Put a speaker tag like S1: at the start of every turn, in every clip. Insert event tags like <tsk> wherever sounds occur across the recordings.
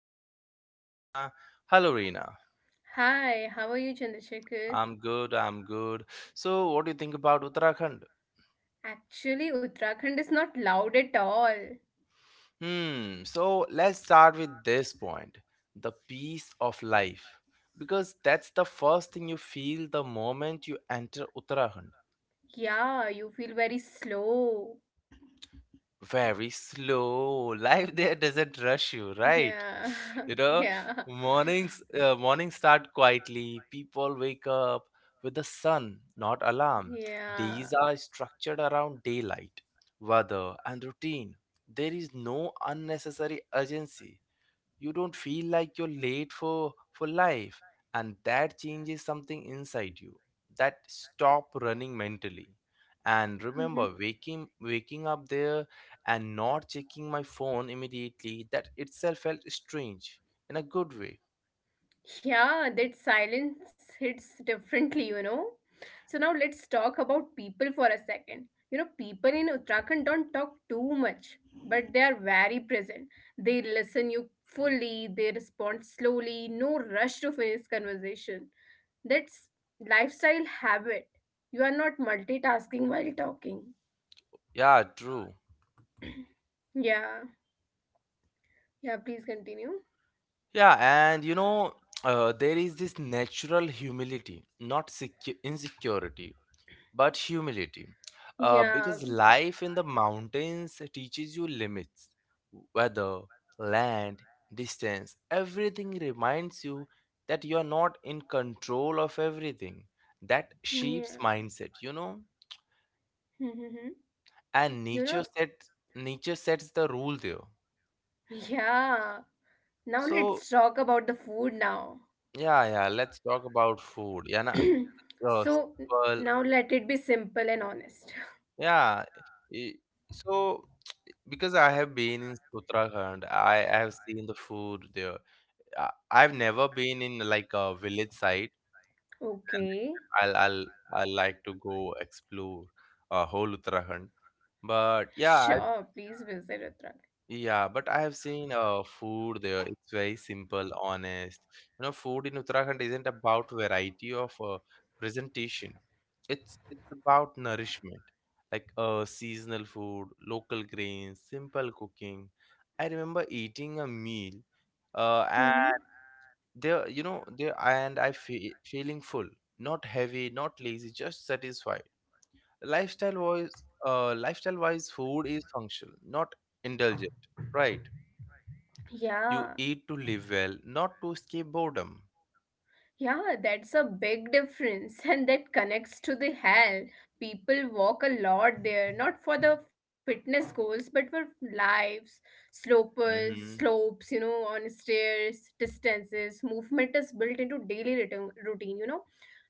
S1: is my co-host Rina. Hello, Rina.
S2: Hi, how are you, Chandrasekhar?
S1: I'm good, I'm good. So, what do you think about Uttarakhand?
S2: Actually, Uttarakhand is not loud at all.
S1: So let's start with this point, the peace of life. Because that's the first thing you feel the moment you enter Uttarakhand.
S2: Yeah, you feel very slow.
S1: Very slow. <laughs> Life there doesn't rush you, right?
S2: Yeah, <laughs>
S1: You know,
S2: yeah,
S1: mornings start quietly. People wake up with the sun, not alarm.
S2: yeah.
S1: Days are structured around daylight, weather, and routine. There is no unnecessary urgency. You don't feel like you're late for life, and that changes something inside you, that stop running mentally and remember
S2: Mm-hmm.
S1: waking up there, and not checking my phone immediately, that itself felt strange in a good way.
S2: Yeah, that silence hits differently, you know. So now let's talk about people for a second. You know, people in Uttarakhand don't talk too much, but they are very present. They listen you fully, they respond slowly, no rush to finish conversation. That's lifestyle habit. You are not multitasking while talking.
S1: Yeah, true.
S2: Yeah. Yeah, please continue.
S1: Yeah, and there is this natural humility, not insecurity, but humility.
S2: Yeah.
S1: Because life in the mountains teaches you limits, weather, land, distance, everything reminds you that you are not in control of everything. That shapes
S2: Yeah.
S1: mindset, you know?
S2: <laughs> you
S1: And
S2: know,
S1: nature sets the rule there.
S2: yeah. Now
S1: So
S2: let's talk about the food now.
S1: yeah, yeah, let's talk about food. Yeah, na? Uh,
S2: So
S1: Simple.
S2: now let it be simple and honest. <laughs>
S1: Yeah. i- So, <tsk> because I have been in Uttarakhand, I have seen the food there. I've never been in like a village side, and
S2: Okay.
S1: I'll I'll I like to go explore whole Uttarakhand. But yeah,
S2: Sure, please visit Uttarakhand.
S1: yeah, but I have seen food there. It's very simple, honest. You know, food in Uttarakhand isn't about variety of presentation. It's about nourishment, like seasonal food, local grains, simple cooking. I remember eating a meal,
S2: Mm-hmm.
S1: and there, and I fe feeling full, not heavy, not lazy, just satisfied. Lifestyle wise, food is functional, not indulgent, right?
S2: Yeah.
S1: You eat to live well, not to escape boredom.
S2: Yeah, that's a big difference <laughs> and that connects to the health. People walk a lot there, not for the fitness goals, but for lives, slopers,
S1: Mm-hmm.
S2: slopes, you know, on stairs, distances. Movement is built into daily routine, you know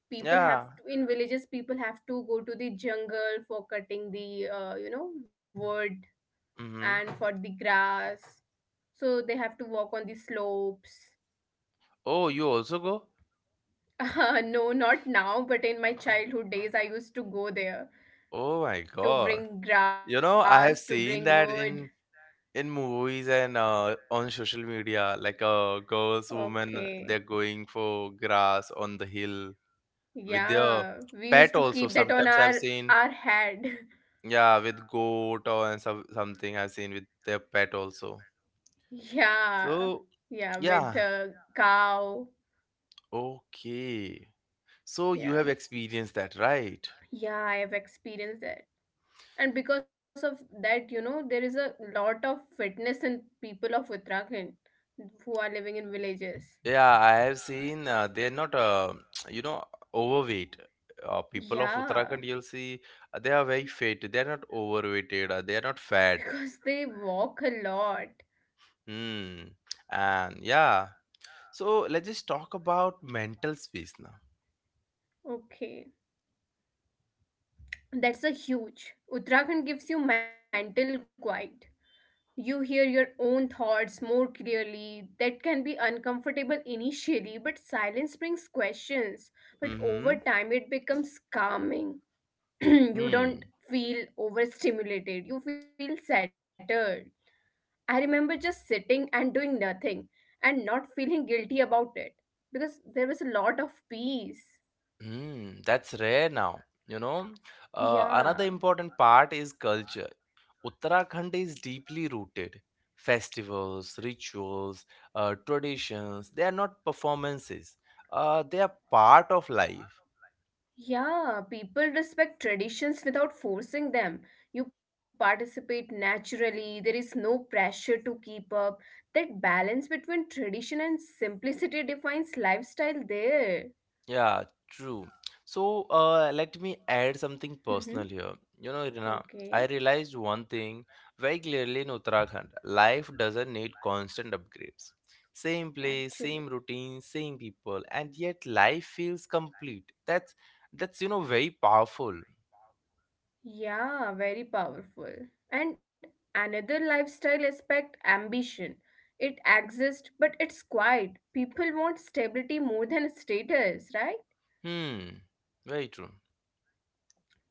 S2: people have
S1: Yeah.
S2: to, in villages people have to go to the jungle for cutting the you know wood
S1: Mm-hmm.
S2: and for the grass, so they have to walk on the slopes.
S1: Oh, you also go?
S2: <laughs> No, not now, but in my childhood days I used to go there
S1: Oh my
S2: to
S1: God.
S2: bring
S1: You
S2: grass,
S1: know,
S2: to
S1: I
S2: bring
S1: have seen <laughs>
S2: wood.
S1: that in movies and on social media, like girls, women,
S2: Okay.
S1: they're going for grass on the hill with their
S2: Yeah, we
S1: pet
S2: used to
S1: also.
S2: keep that on
S1: Sometimes I've
S2: our
S1: seen,
S2: our head.
S1: yeah, with goat or and something I've seen with their pet also.
S2: <laughs> Yeah.
S1: So,
S2: Yeah, with
S1: yeah,
S2: a cow.
S1: okay. So you have
S2: Yeah,
S1: experienced that, right?
S2: yeah, I have experienced that, and because of that, you know, there is a lot of fitness in people of Uttarakhand who are living in villages.
S1: Yeah, I have seen they're not, <tsk> you know, overweight. People of Uttarakhand, you'll
S2: Yeah.
S1: see, they are very fit. They're not overweighted. They are not
S2: <laughs>
S1: fat.
S2: Because they walk a lot.
S1: Hmm. And yeah. So let's just talk about mental space now.
S2: Okay, that's a huge. Uttarakhand gives you mental quiet. You hear your own thoughts more clearly. That can be uncomfortable initially, but silence brings questions. But over
S1: Mm-hmm.
S2: time it becomes calming. <clears throat> You don't
S1: Mm.
S2: feel overstimulated, you feel settled. I remember just sitting and doing nothing and not feeling guilty about it, because there was a lot of peace.
S1: Mm. That's rare now. Another
S2: Yeah.
S1: important part is culture. Uttarakhand is deeply rooted. Festivals, rituals, traditions, they are not performances. They are part of life.
S2: Yeah, people respect traditions without forcing them. You participate naturally, there is no pressure to keep up. That balance between tradition and simplicity defines lifestyle there.
S1: Yeah, true. So let me add something personal
S2: Mm-hmm.
S1: here. You know, Irina, I
S2: Okay,
S1: realized one thing very clearly in Uttarakhand. Life doesn't need constant upgrades. Same place, same
S2: actually.
S1: routine, same people, and yet life feels complete. That's very powerful.
S2: Yeah, very powerful. And another lifestyle aspect, ambition. It exists, but it's quiet. People want stability more than status, right?
S1: Hmm, very true.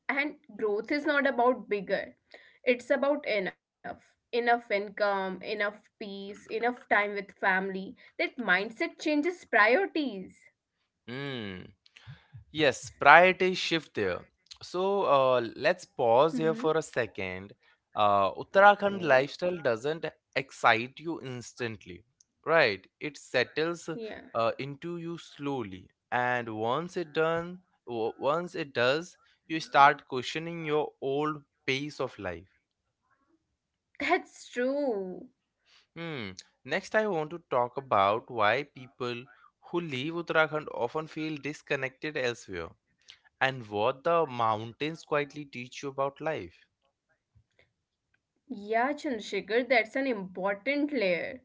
S2: And growth is not about bigger, it's about enough. Enough income, enough peace, enough time with family. That mindset changes priorities.
S1: Mm. Yes, priority shift there. So let's pause here
S2: Mm-hmm.
S1: for a second. Uttarakhand
S2: Okay.
S1: lifestyle doesn't excite you instantly, right? It settles
S2: Yeah.
S1: into you slowly, and once it does, you start questioning your old pace of life.
S2: That's true.
S1: Hmm. Next, I want to talk about why people who leave Uttarakhand often feel disconnected elsewhere and what the mountains quietly teach you about life.
S2: Yeah, Chandrasekhar, that's an important layer.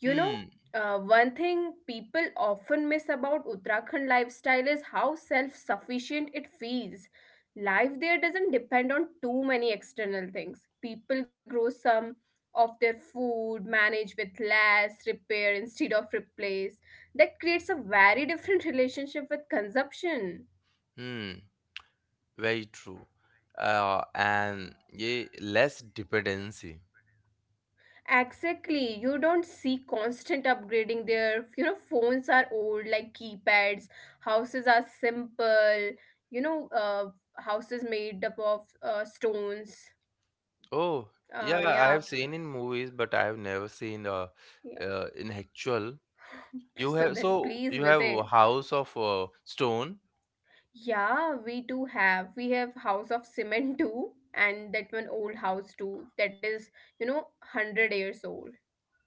S2: You know,
S1: Hmm,
S2: one thing people often miss about Uttarakhand lifestyle is how self sufficient it feels. Life there doesn't depend on too many external things. People grow some of their food, manage with less, repair instead of replace. That creates a very different <laughs> relationship with consumption.
S1: hmm, very true. And yeah, less dependency.
S2: Exactly. You don't see constant upgrading there. You know, phones are old, like keypads. Houses are simple. You know, houses made up of stones.
S1: Oh, yeah, I
S2: Yeah,
S1: have seen in movies, but I have never seen
S2: yeah.
S1: in actual. You
S2: So
S1: have
S2: then,
S1: so
S2: please
S1: you have a
S2: visit.
S1: house of stone,
S2: Yeah, we do have. We have house of cement too, and that one old house too. That is, you know, 100 years old.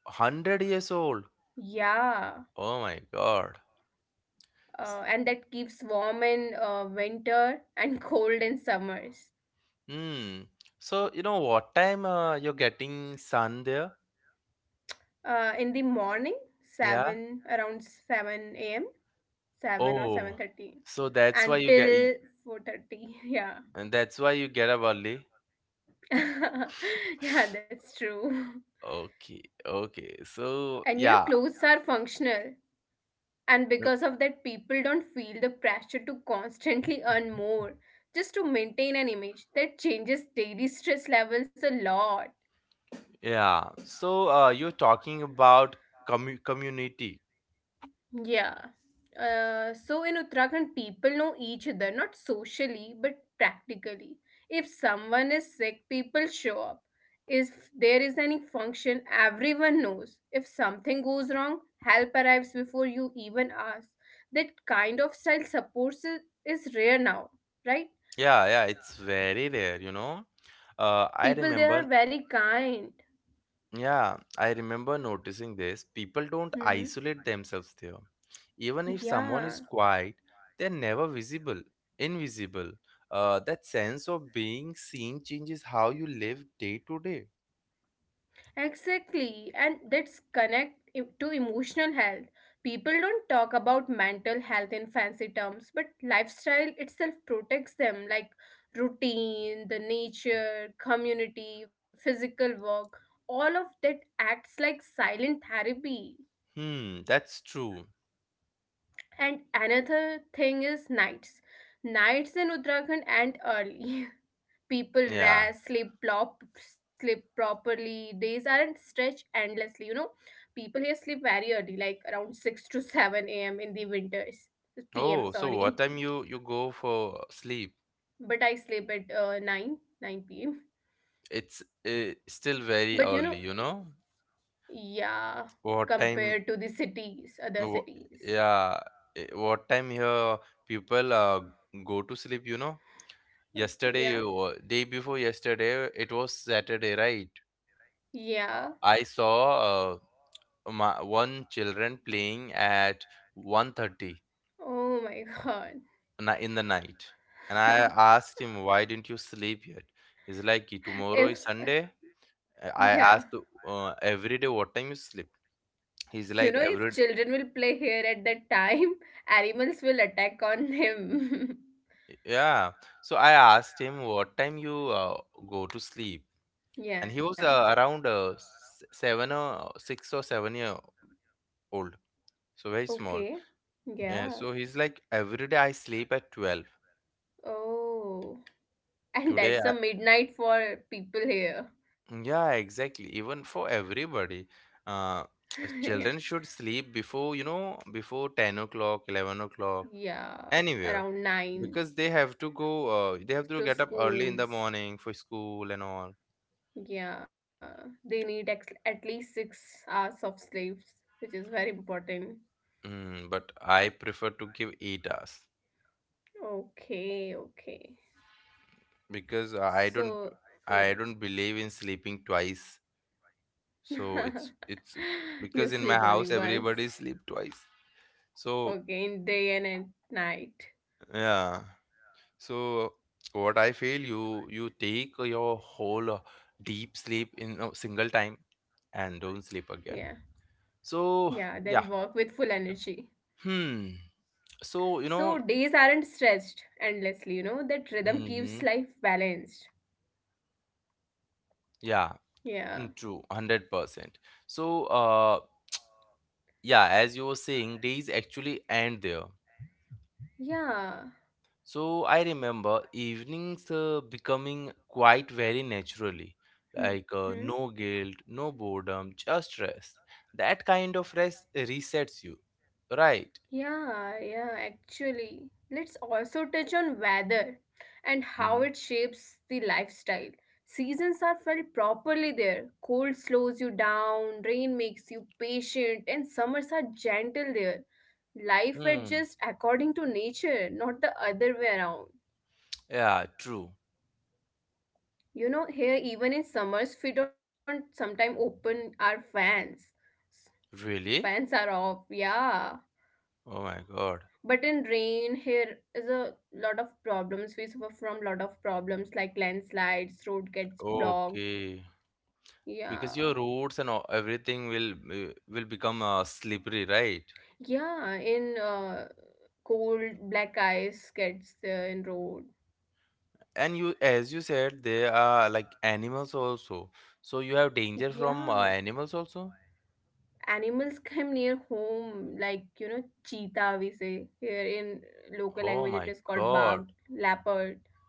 S1: 100 years old.
S2: Yeah.
S1: Oh my God. S-
S2: And that keeps warm in winter and <laughs> cold in summers.
S1: Hmm. So you know what time you're getting sun there?
S2: In the morning,
S1: Yeah.
S2: 7, around 7 a.m, 7 or
S1: Oh.
S2: 7:30,
S1: So that's why you get.
S2: until 4:30. <laughs> Yeah.
S1: And that's why you get up early.
S2: <laughs> Yeah, that's true.
S1: Okay, okay. So
S2: And you know,
S1: yeah,
S2: clothes are functional, and
S1: uh,
S2: because of that, people don't feel the pressure to constantly <laughs> earn more just to maintain an image. That changes daily stress levels a lot.
S1: yeah. So you're talking about community.
S2: Yeah. So in Uttarakhand, people know each other, not socially, but practically. If someone is sick, people show up. If there is any function, everyone knows. If something goes wrong, help arrives before you even ask. That kind of style support is rare now, right?
S1: Yeah, yeah. It's very rare, you know. I
S2: People there are
S1: remember.
S2: very kind.
S1: Yeah, I remember noticing this. People don't
S2: Mm-hmm.
S1: isolate themselves there. Even if someone
S2: Yeah.
S1: is quiet, they're never visible, invisible. That sense of being seen changes how you live day to day.
S2: Exactly, and that's to emotional health. People don't talk about mental health in fancy terms, but lifestyle itself protects them, like routine, the nature, community, physical work. All of that acts like silent therapy.
S1: Hmm, that's true.
S2: And another thing is nights. Nights in Uttarakhand end early. <laughs> People
S1: Yeah.
S2: rest, sleep properly. Days aren't stretched endlessly, you know. People here sleep very early, like around <laughs> 6 to 7 a.m in the winters.
S1: Oh,
S2: Pm,
S1: so what time
S2: sorry.
S1: you go for sleep?
S2: But I sleep at 9, 9 p.m.
S1: It's still very
S2: But you
S1: early,
S2: know,
S1: you know?
S2: yeah,
S1: What time?
S2: compared to the cities
S1: wh-
S2: other cities.
S1: yeah, what time here people go to sleep, you know? Yesterday,
S2: Yeah.
S1: day before yesterday, it was Saturday, right?
S2: Yeah.
S1: I saw my, one children playing at 1:30
S2: Oh my god.
S1: in the night, and I asked
S2: <laughs>
S1: him, "Why didn't you sleep yet?" He's like, "Tomorrow is
S2: if
S1: Sunday." I
S2: Yeah.
S1: asked every day what time you sleep. He's like
S2: You know,
S1: every
S2: if children will play here at that time, <laughs> animals will attack on him.
S1: yeah. So I asked him what time you go to sleep, and he was
S2: <laughs> Yeah.
S1: around 7 or 6 or 7 year old, so very small.
S2: Okay.
S1: Yeah. So he's
S2: Yeah.
S1: like every day I sleep at 12.
S2: Oh.
S1: Today,
S2: And
S1: I,
S2: that's a midnight for people here.
S1: yeah, exactly. Even for everybody, uh, <tsk>
S2: <laughs>
S1: children should sleep before, before 10 o'clock, 11 o'clock
S2: Yeah.
S1: anywhere
S2: Around
S1: because
S2: 9.
S1: they have to go they have to get up
S2: To
S1: early in the
S2: schools.
S1: morning for school and all.
S2: Yeah. They need at least 6 hours of sleep, which is very important.
S1: But I prefer to give 8 hours
S2: Okay. Okay.
S1: because i don't
S2: So,
S1: i
S2: yeah.
S1: don't believe in sleeping twice, so it's
S2: <laughs>
S1: it's
S2: You
S1: because in
S2: sleep
S1: my
S2: only
S1: house
S2: once.
S1: everybody sleep twice. So
S2: Okay, in day and at night.
S1: yeah. So what I feel, you take your whole deep sleep in a single time and don't sleep
S2: Yeah.
S1: again. So
S2: Yeah, then
S1: yeah.
S2: work with full energy.
S1: Hmm. So you know.
S2: So days aren't stretched endlessly, you know, that rhythm
S1: Mm-hmm.
S2: keeps life balanced.
S1: Yeah,
S2: Yeah.
S1: true, 100%. So, yeah, as you were saying, days actually end there.
S2: Yeah.
S1: So, I remember evenings becoming quite very naturally, like
S2: Mm-hmm.
S1: no guilt, no boredom, just rest. That kind of rest resets you, right?
S2: Yeah, yeah, actually. Let's also touch on weather and how
S1: Mm-hmm.
S2: it shapes the lifestyle. Seasons are felt properly there. Cold slows you down, rain makes you patient, and summers are gentle there. Life
S1: Hmm.
S2: adjusts according to nature, not the other way around.
S1: Yeah, true.
S2: You know, here even in summers, we don't sometimes open our fans. Fans
S1: Really?
S2: are off, yeah.
S1: Oh my God.
S2: But in rain, here is a lot of problems. We suffer from lot of problems, like landslides, road gets blocked.
S1: Okay.
S2: Yeah.
S1: Because your roads and everything will become slippery, right?
S2: Yeah, in cold, black ice gets there in road.
S1: And you, as you said, they are like animals also, so you have danger
S2: Yeah,
S1: from animals also.
S2: animals <laughs> come near home, like you know, cheetah we say here. In local
S1: Oh
S2: language
S1: my
S2: it is called
S1: God.
S2: bug leopard.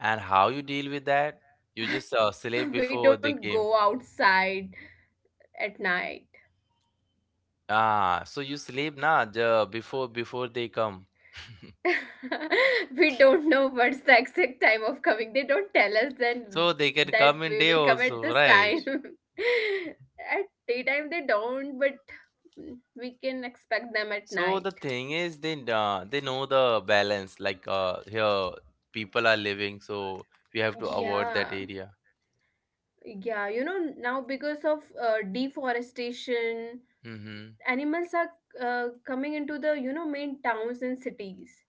S1: And how you deal with that? You just sleep
S2: <laughs> We
S1: before they
S2: don't
S1: came.
S2: go outside at night.
S1: So you sleep now, the before before they come. <laughs>
S2: <laughs> We don't know what's the exact time of coming. They don't tell us
S1: So they
S2: then
S1: can
S2: that we
S1: come
S2: will
S1: in day
S2: come at this
S1: also, right?
S2: time. <laughs> At daytime they don't, but mm, we can expect them at
S1: So
S2: night.
S1: the thing is, they know the balance, like here people are living, so we have to avoid that
S2: Yeah,
S1: area.
S2: yeah. You know, now because of deforestation,
S1: Mm-hmm.
S2: animals are coming into the, you know, main towns and cities.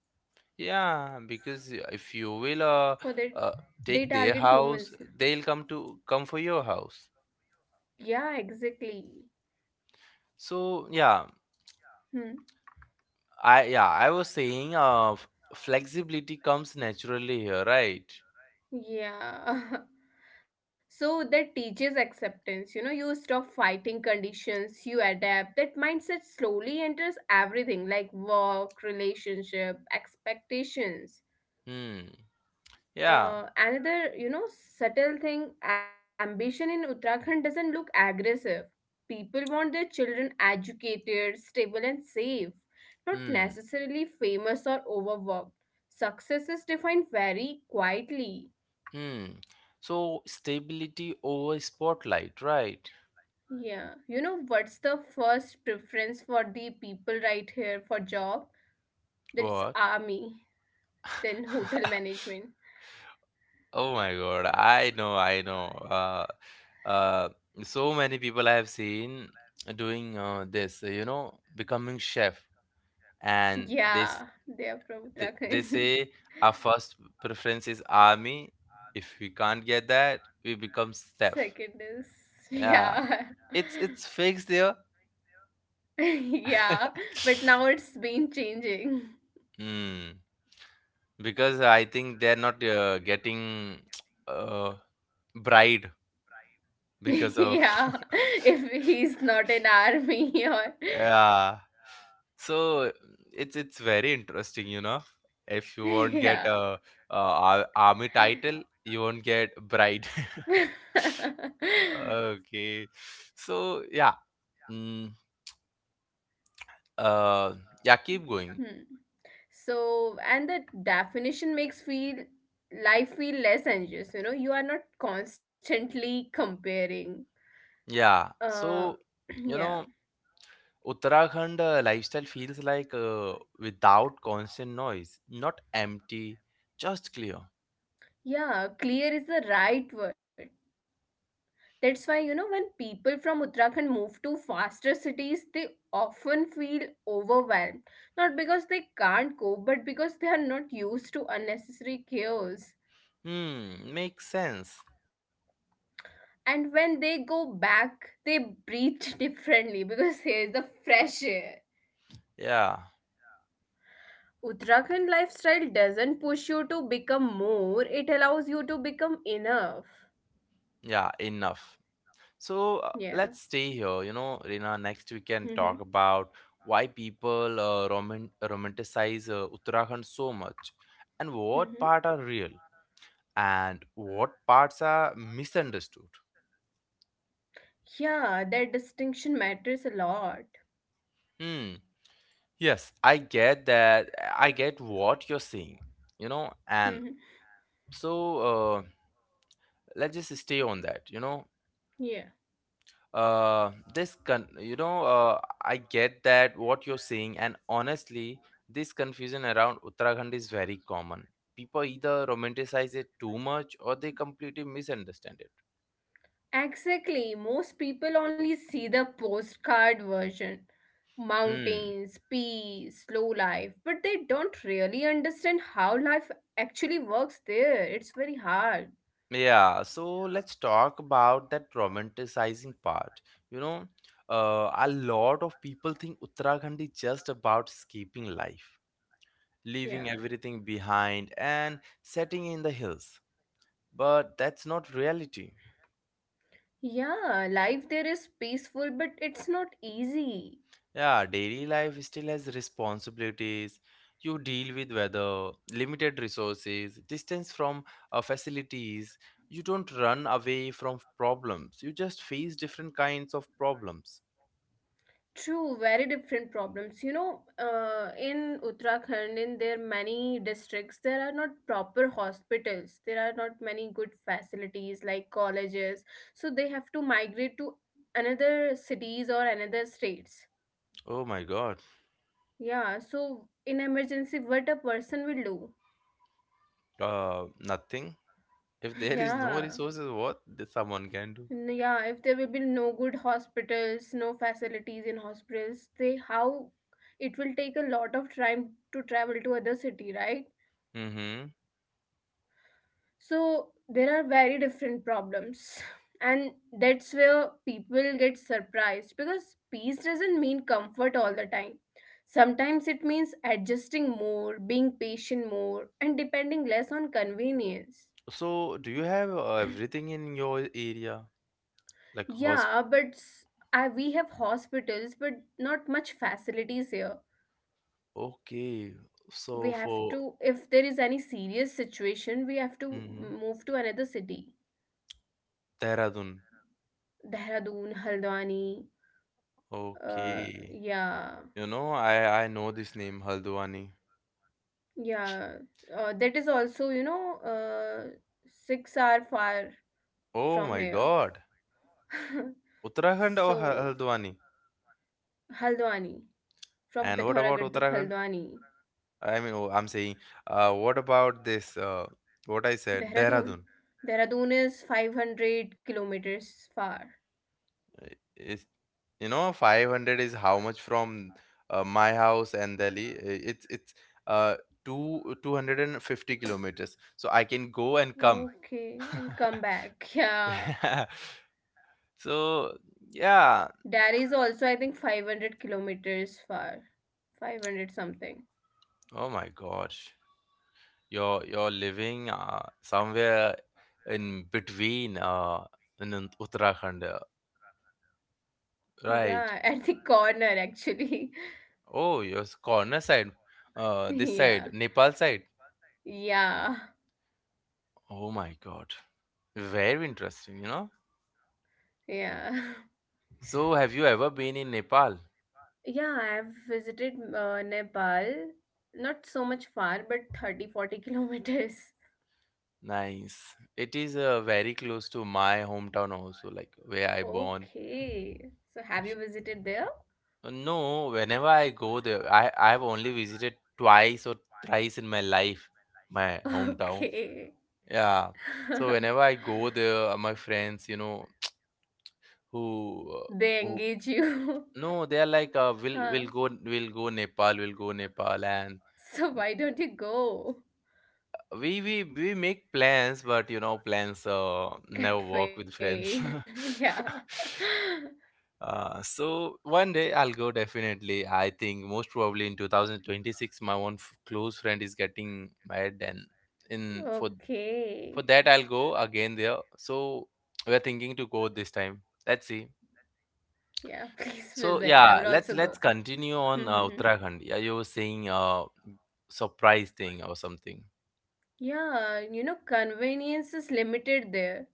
S1: Yeah, because if you will
S2: For their,
S1: uh,
S2: they
S1: take their
S2: target
S1: house,
S2: humans.
S1: they'll come for your house.
S2: Yeah, exactly.
S1: So yeah,
S2: Hmm.
S1: I, yeah, I was saying flexibility comes naturally here, right?
S2: Yeah. <laughs> So that teaches acceptance. You know, you stop fighting conditions, you adapt. That mindset slowly enters everything, like work, relationship, expectations.
S1: Hmm. Yeah.
S2: Another, you know, subtle thing, ambition in Uttarakhand doesn't look aggressive. People want their children educated, stable, and safe, not
S1: Hmm.
S2: necessarily famous or overworked. Success is defined very quietly.
S1: Hmm. So stability over spotlight, right?
S2: Yeah, you know what's the first preference for the people right here for job? That's
S1: What?
S2: army, then hotel
S1: <laughs>
S2: management.
S1: Oh my God, I know, I know. Uh, so many people I have seen doing this, becoming chef. And they s-
S2: Yeah, they are from
S1: they, they
S2: Uttarakhand.
S1: say our first preference is army, if we can't get that we become
S2: <laughs>
S1: staff,
S2: Second is,
S1: yeah,
S2: yeah.
S1: it's fixed there.
S2: <laughs> Yeah,
S1: <laughs>
S2: but now it's been changing.
S1: mm. Because I think they're not getting <tsk> uh, bride
S2: <laughs>
S1: because of.
S2: Yeah,
S1: <laughs>
S2: if he's not in army or
S1: Yeah, so it's very interesting. If you won't get
S2: <laughs> yeah.
S1: a army title, you won't get bride. <laughs>
S2: <laughs>
S1: Okay. So yeah. Mm, uh yeah, keep going.
S2: Hmm. So, and the definition makes feel life feel less anxious. You know, you are not constantly comparing.
S1: Yeah.
S2: Uh,
S1: So,
S2: <clears throat>
S1: you
S2: yeah,
S1: know, Uttarakhand lifestyle feels like without constant noise, not empty, just clear.
S2: yeah. Clear is the right word. That's why, you know, when people from Uttarakhand move to faster cities, they often feel overwhelmed. Not because they can't cope, but because they are not used to unnecessary chaos.
S1: Hmm, makes sense.
S2: And when they go back, they breathe <laughs> differently, because here's the fresh air.
S1: Yeah.
S2: Uttarakhand lifestyle doesn't push you to become more, it allows you to become enough.
S1: Yeah, enough. So,
S2: Yeah.
S1: let's stay here, Rina, next we can talk
S2: Mm-hmm.
S1: about why people romanticize Uttarakhand so much and what
S2: Mm-hmm.
S1: part are real and what parts are misunderstood.
S2: Yeah, that distinction matters a lot.
S1: Hmm. Yes, I get that. I get what you're saying, and
S2: Mhm.
S1: so uh, let's just stay on that, you know.
S2: Yeah.
S1: I get that what you're saying, and honestly, this confusion around Uttarakhand is very common. People either romanticize it too much or they completely misunderstand it.
S2: Exactly. Most people only see the postcard version:
S1: Hmm.
S2: mountains, peace, slow life, but they don't really understand how life actually works there. It's very hard.
S1: Yeah, so let's talk about that romanticizing part. You know, a lot of people think Uttarakhand is just about escaping life, leaving
S2: Yeah.
S1: everything behind, and setting in the hills. But that's not reality.
S2: Yeah, life there is peaceful, but it's not easy.
S1: Yeah, daily life still has responsibilities. You deal with weather, limited resources, distance from facilities. You don't run away from problems. You just face different kinds of problems.
S2: True, very different problems. You know, in Uttarakhand, in their many districts, there are not proper hospitals. There are not many good facilities like colleges. So they have to migrate to another cities or another states.
S1: Oh my God.
S2: Yeah, so in emergency, what a person will do.
S1: Nothing. If
S2: <laughs>
S1: there is no
S2: Yeah.
S1: resources, what someone can do?
S2: Yeah, if there will be no good hospitals, no facilities in hospitals, they how it will take a lot of time to travel to other city, right?
S1: Mm-hmm.
S2: So there are very different problems. <laughs> And that's where people get surprised, because peace doesn't mean comfort all the time. Sometimes it means adjusting more, being patient more, and depending less on convenience.
S1: So, do you have everything in your area? Like
S2: Yeah,
S1: hospital?
S2: I, we have hospitals, but not much facilities here.
S1: Okay. So
S2: We have
S1: for.
S2: to, if there is any serious situation, we have to
S1: Mm-hmm.
S2: move to another city.
S1: Dehradun.
S2: Dehradun, Haldwani. uh,
S1: Okay.
S2: yeah.
S1: You know, I know this name, Haldwani.
S2: Yeah, that is also, you know, uh, 6-hour far
S1: Oh
S2: from
S1: my
S2: here.
S1: God.
S2: <laughs>
S1: Uttarakhand or
S2: So
S1: Haldwani?
S2: Haldwani, from
S1: And what about
S2: Pithoragarh to
S1: Uttarakhand?
S2: Haldwani.
S1: I mean, oh, I'm saying, what about this? What I said,
S2: Dehradun,
S1: Dehradun.
S2: Dehradun is 500 kilometers far.
S1: Is 500 is how much from my house and Delhi? It's uh two 250 kilometers, so I can go and come.
S2: Okay, and come back. <laughs>
S1: <laughs>
S2: Yeah.
S1: Yeah. So yeah,
S2: Delhi is also, I think, 500 kilometers far. 500 something.
S1: oh my gosh, you're living somewhere in between in uttarakhand, right.
S2: Yeah, <laughs> at the corner, actually. <laughs>
S1: Oh, your corner side, uh, this side
S2: Yeah.
S1: Nepal side.
S2: Yeah.
S1: Oh my god, very interesting, you know.
S2: Yeah. <laughs>
S1: So, have you ever been in Nepal?
S2: Yeah, I've visited Nepal. Not so much far, but 30-40 kilometers. <laughs>
S1: Nice. It is very close to my hometown also, like where I born.
S2: Okay. So, have you visited there?
S1: No, whenever I go there, I've only visited twice or thrice in my life, my
S2: <laughs>
S1: hometown.
S2: Okay.
S1: Yeah. So whenever
S2: <laughs>
S1: I go there, my friends, who uh,
S2: They
S1: who
S2: engage you. <laughs>
S1: no, they are like, we'll we'll
S2: Huh.
S1: go we'll go Nepal, we'll go Nepal, and
S2: So, why don't you go?
S1: we make plans, but you know, plans never work with
S2: Get
S1: friends.
S2: fail. <laughs> Yeah.
S1: <laughs> So one day I'll go, definitely. I think most probably in 2026 my close friend is getting married, and in for
S2: Okay.
S1: that I'll go again there. So we're thinking to go this time, let's see.
S2: Yeah, <laughs> please
S1: So
S2: visit. I will
S1: yeah,
S2: also
S1: let's
S2: go.
S1: let's continue on
S2: <laughs>
S1: uttarakhand. Yeah, you were saying, uh, surprise thing or something.
S2: Yeah, you know, convenience is limited there.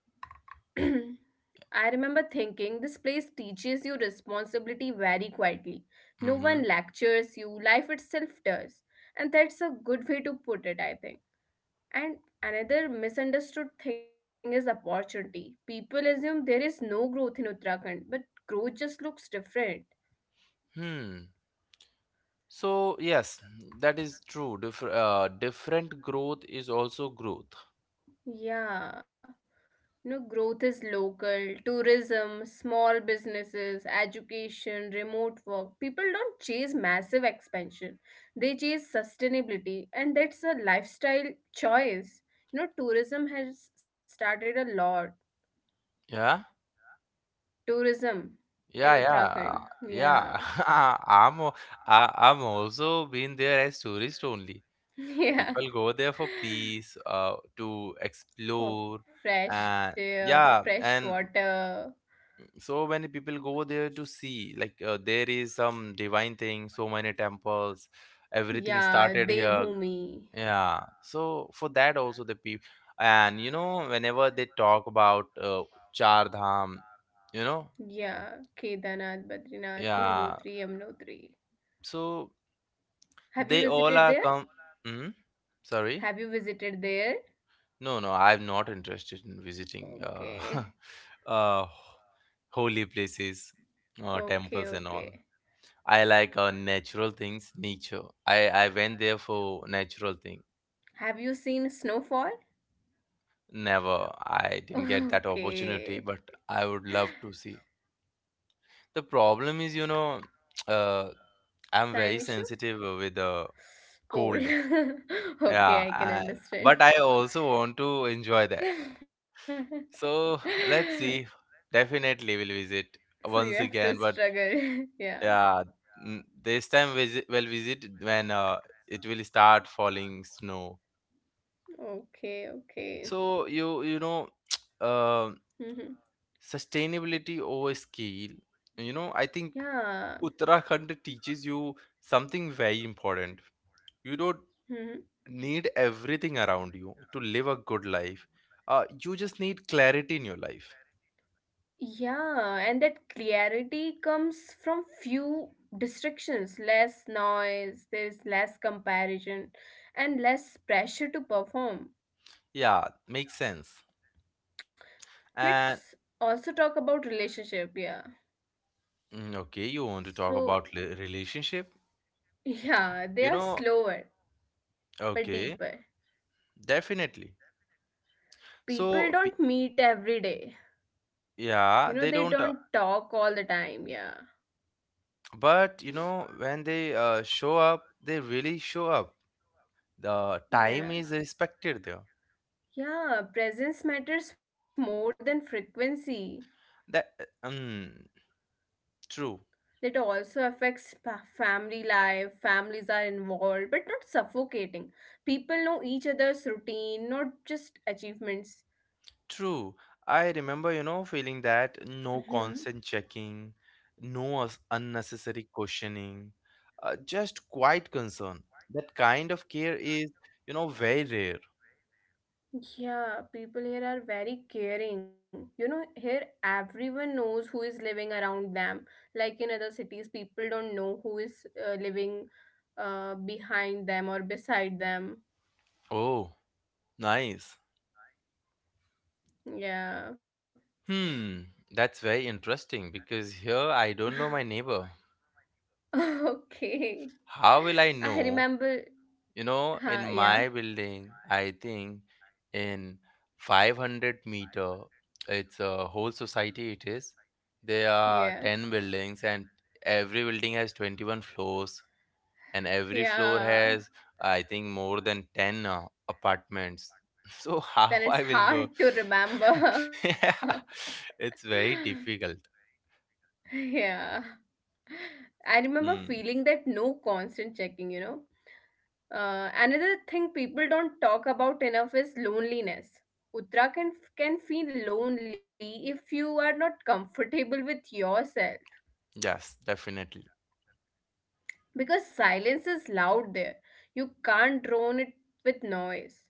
S2: <clears throat> I remember thinking this place teaches you responsibility very quietly. No one
S1: Mm-hmm.
S2: lectures you, life itself does. And that's a good way to put it, I think. And another misunderstood thing is opportunity. People assume there is no growth in Uttarakhand, but growth just looks different.
S1: Hmm. So yes, that is true. Different growth is also growth.
S2: Yeah. You know, growth is local, tourism, small businesses, education, remote work. People don't chase massive expansion. They chase sustainability, and that's a lifestyle choice. You know, tourism has started a lot.
S1: Yeah,
S2: Tourism in
S1: yeah, yeah,
S2: Uttarakhand.
S1: yeah.
S2: Yeah. <laughs>
S1: <laughs> I'm al- I'm also been there as tourist only.
S2: Yeah.
S1: People go there for peace, to explore,
S2: For
S1: and
S2: fresh air, for
S1: yeah,
S2: fresh
S1: and
S2: water.
S1: so many people go there to see. Like there is some divine thing, so many temples. Everything started
S2: Yeah,
S1: here.
S2: Devbhoomi.
S1: Yeah, so for that also the people, and you know, whenever they talk about Char Dham, you know,
S2: Yeah, Kedarnath, Badrinath,
S1: yeah,
S2: Gangotri, Yamunotri.
S1: so
S2: Have you
S1: they all
S2: visited
S1: are
S2: there?
S1: come. Hmm. Sorry,
S2: Have you visited there?
S1: no, no, I'm not interested in visiting
S2: Okay,
S1: <laughs> uh, holy places,
S2: okay,
S1: temples and
S2: okay.
S1: all. I like natural things, nature. I went there for natural thing.
S2: Have you seen snowfall? <laughs>
S1: Never, I didn't get that
S2: Okay.
S1: opportunity, but I would love to see. The problem is, you know, uh, I'm
S2: Time
S1: very
S2: issue?
S1: sensitive with the
S2: Cold.
S1: cold.
S2: <laughs>
S1: Yeah,
S2: Okay, I can
S1: and
S2: understand.
S1: but I also want to enjoy that. So
S2: <laughs>
S1: let's see. Definitely will visit
S2: So
S1: once
S2: you have
S1: again,
S2: to
S1: but
S2: struggle. <laughs> Yeah.
S1: yeah, this time visit will visit when it will start falling snow.
S2: Okay,
S1: So
S2: okay.
S1: you know, <tsk> uh,
S2: Hmm.
S1: sustainability over skill. You know, I think
S2: Yeah.
S1: Uttarakhand teaches you something very important. You don't
S2: Hmm.
S1: need everything around you to live a good life. You just need clarity in your life.
S2: Yeah, and that clarity comes from few distractions, less noise, there's less comparison and less pressure to perform.
S1: Yeah, makes sense. And
S2: Let's also talk about relationship, yeah.
S1: mm, okay, you want to talk
S2: So,
S1: about relationship?
S2: <laughs> yeah, they
S1: You
S2: are
S1: know,
S2: slower but
S1: okay,
S2: deeper.
S1: definitely.
S2: People
S1: So,
S2: don't meet every day. You
S1: yeah,
S2: know,
S1: they
S2: they
S1: don't,
S2: don't talk all the time, yeah.
S1: but you know, when they show up, they really show up. The time is
S2: Yeah.
S1: respected there.
S2: Yeah, presence matters more than frequency.
S1: That, um, true.
S2: It also affects family life. Families are involved, but not suffocating. People know each other's routine, not just achievements.
S1: True. I remember, you know, feeling that no
S2: Hmm.
S1: constant checking, no unnecessary questioning, just quiet concern. That kind of care is, you know, very rare.
S2: Yeah, people here are very caring. You know, here everyone knows who is living around them. Like in other cities, people don't know who is living behind them or beside them.
S1: Oh, nice.
S2: Yeah.
S1: Hmm, that's very interesting because here I don't know my
S2: <laughs>
S1: neighbor.
S2: <laughs> Okay.
S1: How will I
S2: I
S1: know?
S2: remember.
S1: You know, in
S2: Huh, yeah.
S1: my building, I think in 500-meter, it's a whole society, it is. There are 10
S2: Yeah.
S1: buildings, and every building has 21 floors, and every floor has,
S2: Yeah.
S1: I think, more than 10 apartments. <laughs> So, how I
S2: Then
S1: will
S2: it's
S1: know?
S2: hard to
S1: <laughs> Yeah,
S2: remember.
S1: it's very
S2: <laughs>
S1: difficult.
S2: Yeah. I remember
S1: Hmm.
S2: feeling that no constant checking, you know. Another thing people don't talk about enough is loneliness. Uttarakhand can feel lonely if you are not comfortable with yourself.
S1: Yes, definitely.
S2: Because silence is loud there. You can't drown it with noise.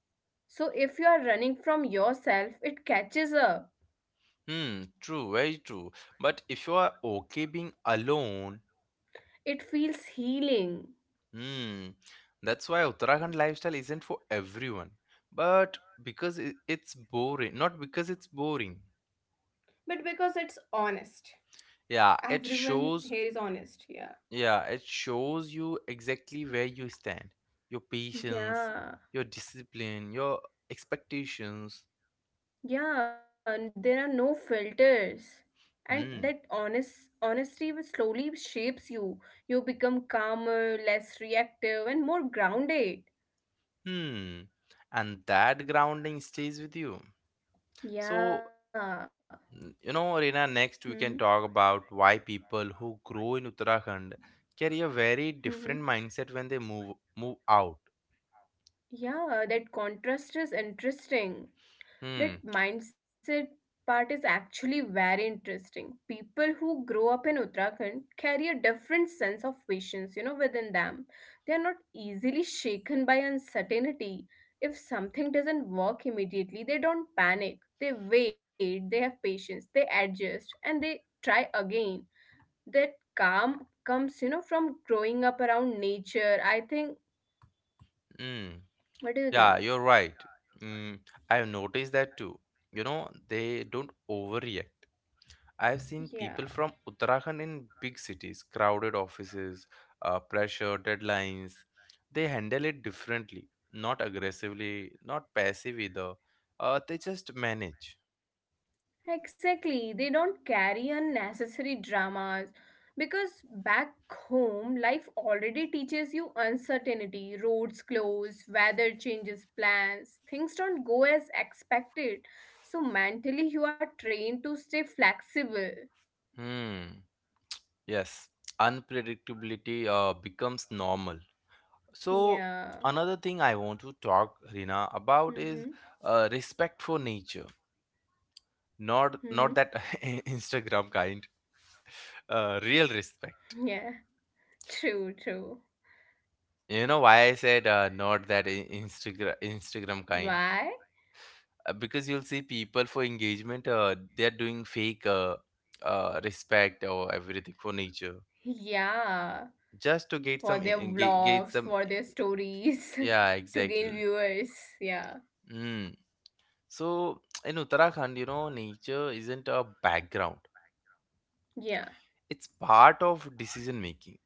S2: So if you are running from yourself, it catches up.
S1: Hmm, true, very true. But if you are okay being alone,
S2: It feels healing.
S1: hmm. That's why Uttarakhand lifestyle isn't for everyone, but because it's boring, not because it's boring.
S2: But because it's honest.
S1: Yeah, it shows.
S2: Everyone here is honest, yeah.
S1: Yeah, it shows you exactly where you stand, your patience, your
S2: Yeah,
S1: discipline, your expectations.
S2: yeah, and there are no filters. And
S1: Hmm.
S2: that honesty will slowly shapes you. You become calmer, less reactive, and more grounded.
S1: Hmm. And that grounding stays with you. So
S2: Yeah.
S1: You know, Reena,
S2: Mm-hmm.
S1: next we can talk about why people who grow in Uttarakhand carry a very
S2: Mm-hmm.
S1: different mindset when they move out.
S2: Yeah, that contrast is interesting.
S1: Hmm.
S2: That mindset part is actually very interesting. People who grow up in Uttarakhand carry a different sense of patience, you know, within them. They are not easily shaken by uncertainty. If something doesn't work immediately, they don't panic. They wait, they have patience, they adjust, and they try again. That calm comes, you know, from growing up around nature. I think,
S1: Mm.
S2: what do you
S1: Yeah,
S2: think?
S1: you're right. Mm, I've noticed that too. You know, they don't overreact. I've seen people
S2: Yeah.
S1: from Uttarakhand in big cities, crowded offices, pressure, deadlines. They handle it differently, not aggressively, not passive either. They just manage.
S2: Exactly. They don't carry unnecessary dramas because back home, life already teaches you uncertainty. Roads close, weather changes plans, things don't go as expected. So, mentally, you are trained to stay flexible.
S1: Hmm. Yes, unpredictability becomes normal. So,
S2: Yeah.
S1: another thing I want to talk, Rina, about is
S2: Mm-hmm.
S1: respect for nature. Not not that <laughs> Instagram kind, real respect.
S2: Mm-hmm. Yeah. True, true.
S1: You know why I said not that Instagram kind?
S2: Why?
S1: Because you'll see people for engagement, they're doing fake respect or everything for nature
S2: Yeah.
S1: just to get
S2: For their
S1: get
S2: vlogs,
S1: some.
S2: for their stories,
S1: Yeah,
S2: <laughs> to gain
S1: exactly.
S2: viewers. Yeah.
S1: Mm. So, in Uttarakhand, you know, nature isn't a background,
S2: Yeah.
S1: it's part of decision making.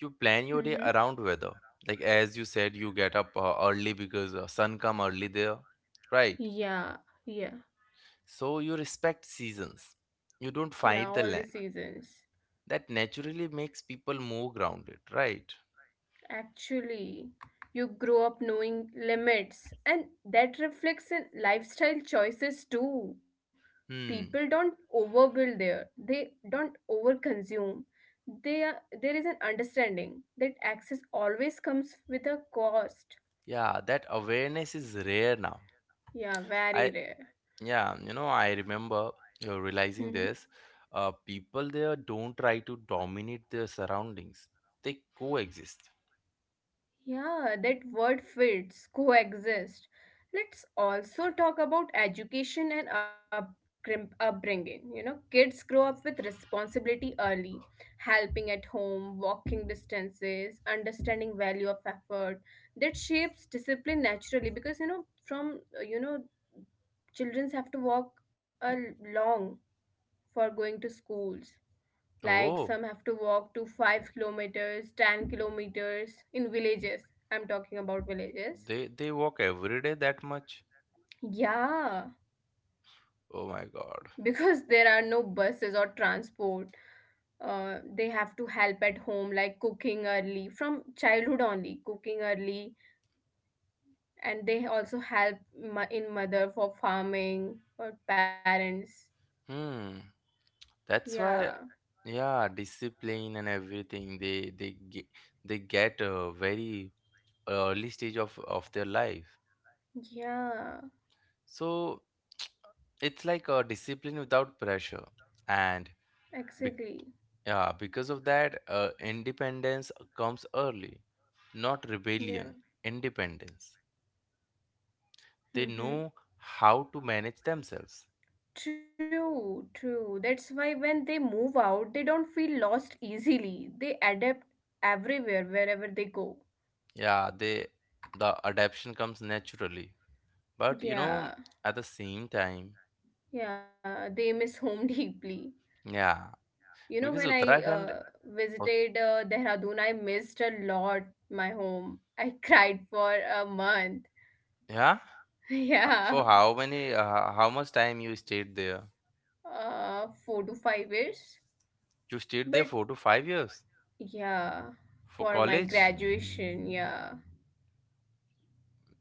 S1: You plan your day
S2: Mm-hmm.
S1: around weather. Like, as you said, you get up early because sun come early there, right?
S2: Yeah. Yeah.
S1: So, you respect seasons. You don't
S2: Yeah.
S1: fight the
S2: All the
S1: land.
S2: seasons.
S1: That naturally makes people more grounded, right?
S2: Actually, you grow up knowing limits, and that reflects in lifestyle choices too.
S1: Hmm.
S2: People don't overbuild there. They don't overconsume. They are, there is an understanding that access always comes with a cost.
S1: Yeah, that awareness is rare now.
S2: Yeah, very
S1: I.
S2: rare.
S1: Yeah, you know, I remember
S2: Mm-hmm.
S1: realizing this. People there don't try to dominate their surroundings. They coexist.
S2: Yeah, that word fits, coexist. Let's also talk about education and upbringing. You know, kids grow up with responsibility early, helping at home, walking distances, understanding value of effort. That shapes discipline naturally because, you know, children have to walk a long for going to schools. Like
S1: Oh,
S2: some have to walk to 5 kilometers, 10 kilometers in villages. I'm talking about villages.
S1: they walk every day that much?
S2: Yeah,
S1: Oh my god.
S2: because there are no buses or transport. They have to help at home, like cooking early from childhood only, cooking early, and they also help in mother for farming or parents.
S1: Hmm. That's
S2: Yeah,
S1: why, yeah, discipline and everything they get a very early stage of their life.
S2: yeah,
S1: So it's like a discipline without pressure and
S2: exactly.
S1: yeah, because of that, independence comes early, not rebellion,
S2: Yeah.
S1: independence. They know
S2: Mm-hmm.
S1: how to manage themselves.
S2: True, true. That's why when they move out, they don't feel lost easily. They adapt everywhere, wherever they go.
S1: Yeah, they the adaptation comes naturally. But you know,
S2: Yeah,
S1: at the same time,
S2: yeah, they miss home <laughs> deeply.
S1: yeah,
S2: You know,
S1: because
S2: when I
S1: Ut-
S2: visited Dehradun, I missed a lot my home. I <laughs> cried for a month. <laughs>
S1: yeah, for
S2: Yeah,
S1: how many, how much time you stayed there?
S2: 4 to 5 years.
S1: You stayed there
S2: But
S1: 4 to 5 years
S2: yeah,
S1: for
S2: for my
S1: college,
S2: graduation, yeah,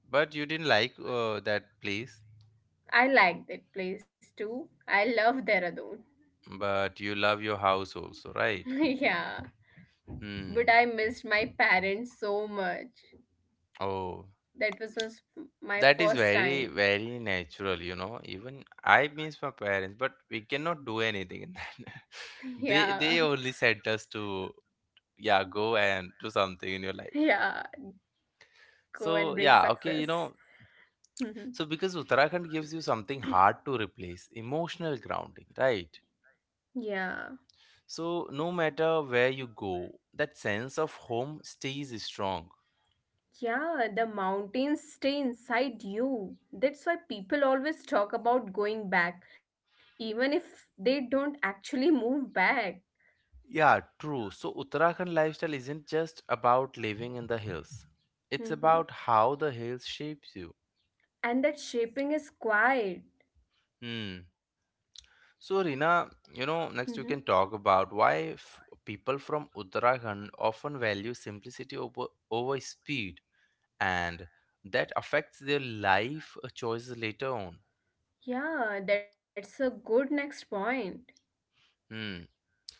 S1: but you didn't like that place?
S2: I like that place too. I love Dehradun.
S1: But you love your house also,
S2: <laughs>
S1: right?
S2: Yeah, but
S1: Hmm.
S2: I missed my parents so much.
S1: Oh,
S2: That was my
S1: that is
S2: first
S1: very,
S2: time.
S1: very natural, you know. Even I miss my parents, but we cannot do anything in that.
S2: <laughs>
S1: <laughs> They
S2: Yeah,
S1: they only sent us to yeah, go and do something in your life.
S2: yeah, go
S1: So
S2: and bring
S1: yeah, okay, you know.
S2: success.
S1: So
S2: <laughs>
S1: because Uttarakhand gives you something hard to replace, emotional grounding, right?
S2: Yeah,
S1: So no matter where you go, that sense of home stays strong.
S2: yeah, the mountains stay inside you. That's why people always talk about going back, even if they don't actually move back.
S1: Yeah, true. So Uttarakhand lifestyle isn't just about living in the hills.
S2: <laughs>
S1: It's
S2: Mhm.
S1: about how the hills shapes you.
S2: And that shaping is quiet.
S1: Hmm. So Rina, you
S2: <laughs>
S1: know,
S2: Mhm.
S1: next we can talk about why people from Uttarakhand often value simplicity over, over speed and that affects their life choices later on.
S2: Yeah, that's a good next point.
S1: Hmm.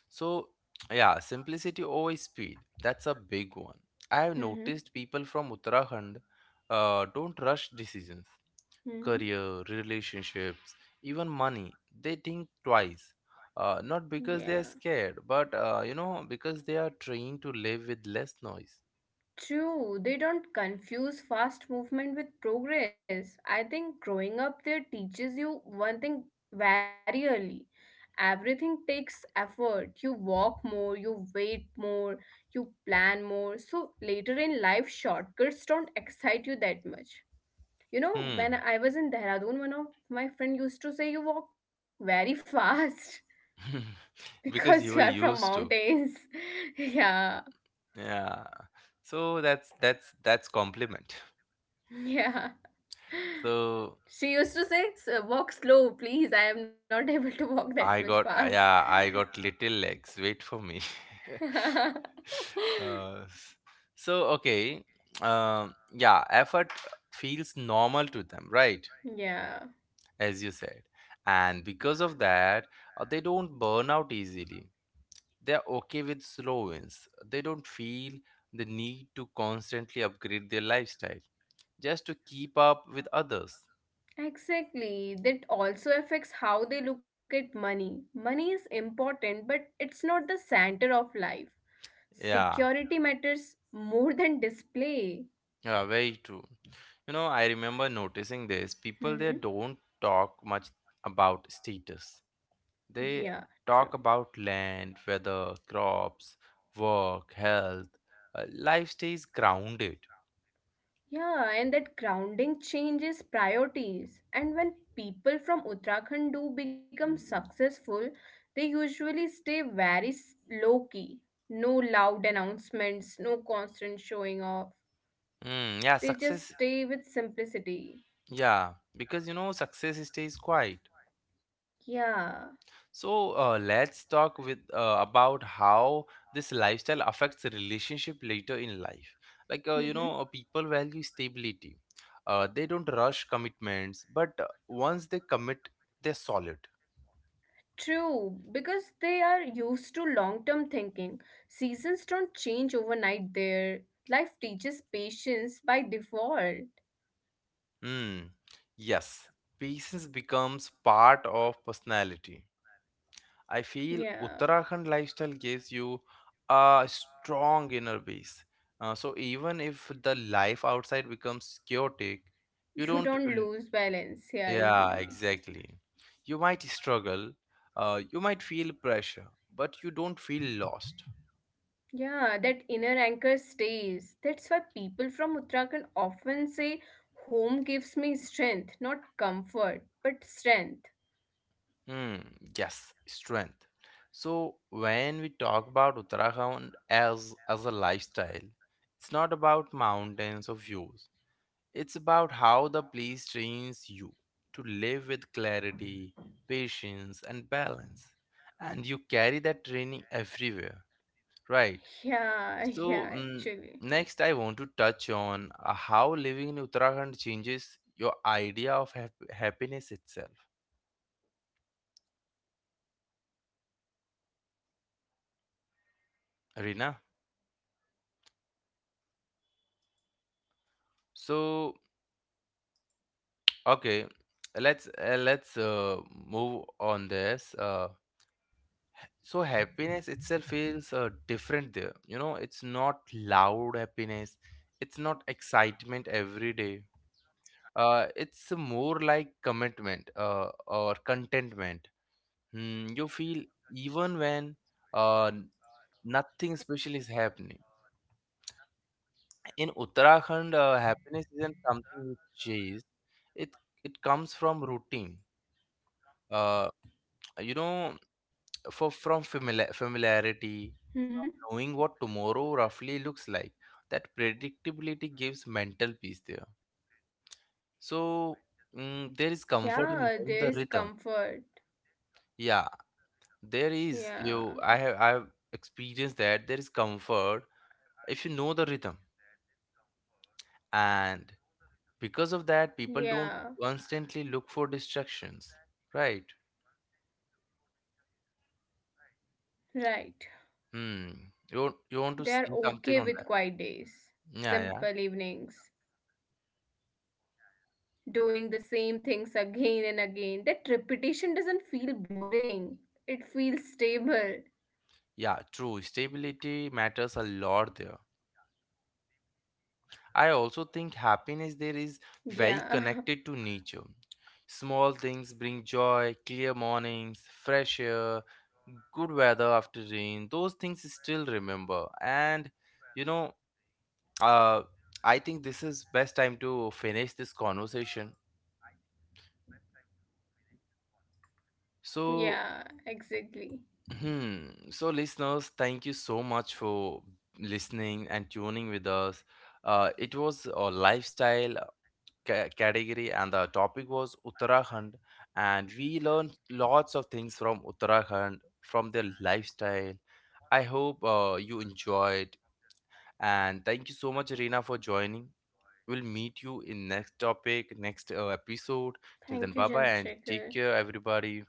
S1: So yeah, simplicity over speed. That's a big one. I have
S2: <laughs>
S1: noticed
S2: Mhm.
S1: people from Uttarakhand don't rush decisions,
S2: Mm-hmm.
S1: career, relationships, even money, they think twice. Not
S2: Yeah.
S1: because they are scared, but you know, because they are trained to live with less noise.
S2: True, they don't confuse fast movement with progress. I think growing up there teaches you one thing very early. Everything takes effort. You walk more, you wait more, you plan more. So later in life, shortcuts don't excite you that much. You know, when
S1: Hmm.
S2: I was in Dehradun, one of my friend used to say you walk very fast <laughs> because you
S1: <laughs>
S2: are
S1: Because
S2: from
S1: you were used
S2: mountains.
S1: to.
S2: <laughs> Yeah,
S1: Yeah. So that's that's compliment.
S2: yeah.
S1: So
S2: She used to say, walk slow, please. I am not <laughs> able to walk that much
S1: I got,
S2: fast.
S1: yeah, I got little legs. Wait for me.
S2: <laughs>
S1: <laughs> uh, s- so okay. Yeah, effort feels normal to them, right?
S2: Yeah,
S1: As you said. And because of that, they don't burn out easily. They are okay with slow wins. They don't feel the need to constantly upgrade their lifestyle just to keep up with others.
S2: exactly. That also affects how they look at money. Money is important, but it's not the center of life.
S1: Yeah,
S2: Security matters more than display.
S1: yeah, very true. You know, I remember noticing this. People there
S2: Hmm.
S1: don't talk much about status.
S2: Yeah,
S1: They
S2: true.
S1: talk about land, weather, crops, work, health. Life stays grounded.
S2: Yeah, and that grounding changes priorities. And when people from Uttarakhand do become successful, they usually stay very low key. No loud announcements, no constant showing off.
S1: Mm, yeah,
S2: They just
S1: success.
S2: stay with simplicity.
S1: Yeah, because you know success stays quiet.
S2: Yeah.
S1: So let's talk with about how this lifestyle affects the relationship later in life. Like you
S2: Hmm.
S1: know, people value stability. They don't rush commitments, but once they commit, they're solid.
S2: True, because they are used to long term thinking. Seasons don't change overnight there. Life teaches patience by default.
S1: Hmm. Yes, patience becomes part of personality. I
S2: Yeah.
S1: feel Uttarakhand lifestyle gives you a strong inner peace. So even if the life outside becomes chaotic, you
S2: You
S1: don't.
S2: don't lose balance, yeah,
S1: Yeah,
S2: easily.
S1: exactly. You might struggle. You might feel pressure, but you don't feel lost.
S2: Yeah, that inner anchor stays. That's why people from Uttarakhand often say, Home gives me strength, not comfort, but strength.
S1: Hmm. Yes, strength. So when we talk about Uttarakhand as a lifestyle, it's not about mountains or views. It's about how the place trains you to live with clarity, patience, and balance. And you carry that training everywhere, right?
S2: Yeah, <laughs>
S1: So,
S2: yeah,
S1: mm,
S2: actually.
S1: next, I want to touch on how living in Uttarakhand changes your idea of happiness itself, Rina. So, okay, let's move on this. So happiness itself feels different there, you know, it's not loud happiness, it's not excitement every day, it's more like commitment,
S2: Yeah,
S1: or contentment. Hmm, you feel even when uh,
S2: yeah.
S1: nothing special is happening. In uttarakhand, happiness isn't something you chase, it it comes from routine. uh, you know familiarity, from
S2: Mm-hmm.
S1: knowing what tomorrow roughly looks like. That predictability gives mental peace there. So, mm, there is comfort in
S2: Yeah,
S1: knowing
S2: there
S1: the
S2: is
S1: rhythm.
S2: comfort.
S1: Yeah, there is. You I
S2: Yeah,
S1: have I've experienced that. There is comfort if you know the rhythm. And because of that, people don't
S2: yeah,
S1: constantly look for distractions, right?
S2: right.
S1: Hmm. You want to
S2: They are
S1: see something
S2: okay
S1: on
S2: with quiet days,
S1: that. Yeah, yeah,
S2: simple evenings, doing the same things again and again. That repetition doesn't feel boring, it feels stable.
S1: yeah, true. Stability matters a lot there. I also think happiness there is very
S2: Yeah,
S1: connected to nature. Small things bring joy, clear mornings, fresh air, good weather after rain. Those things still remember. And you know, uh, I think this is best time to finish this conversation.
S2: <laughs>
S1: So,
S2: yeah, exactly.
S1: hmm, so listeners, thank you so much for listening and tuning with us. It was a lifestyle category and the topic was uttarakhand, and we learned lots of things from uttarakhand from their lifestyle. I hope you enjoyed, and thank you so much, Reena, for joining. We'll meet you in next topic, next episode.
S2: Thank you,
S1: Till then, bye bye
S2: Chandrasekhar.
S1: and take care, everybody.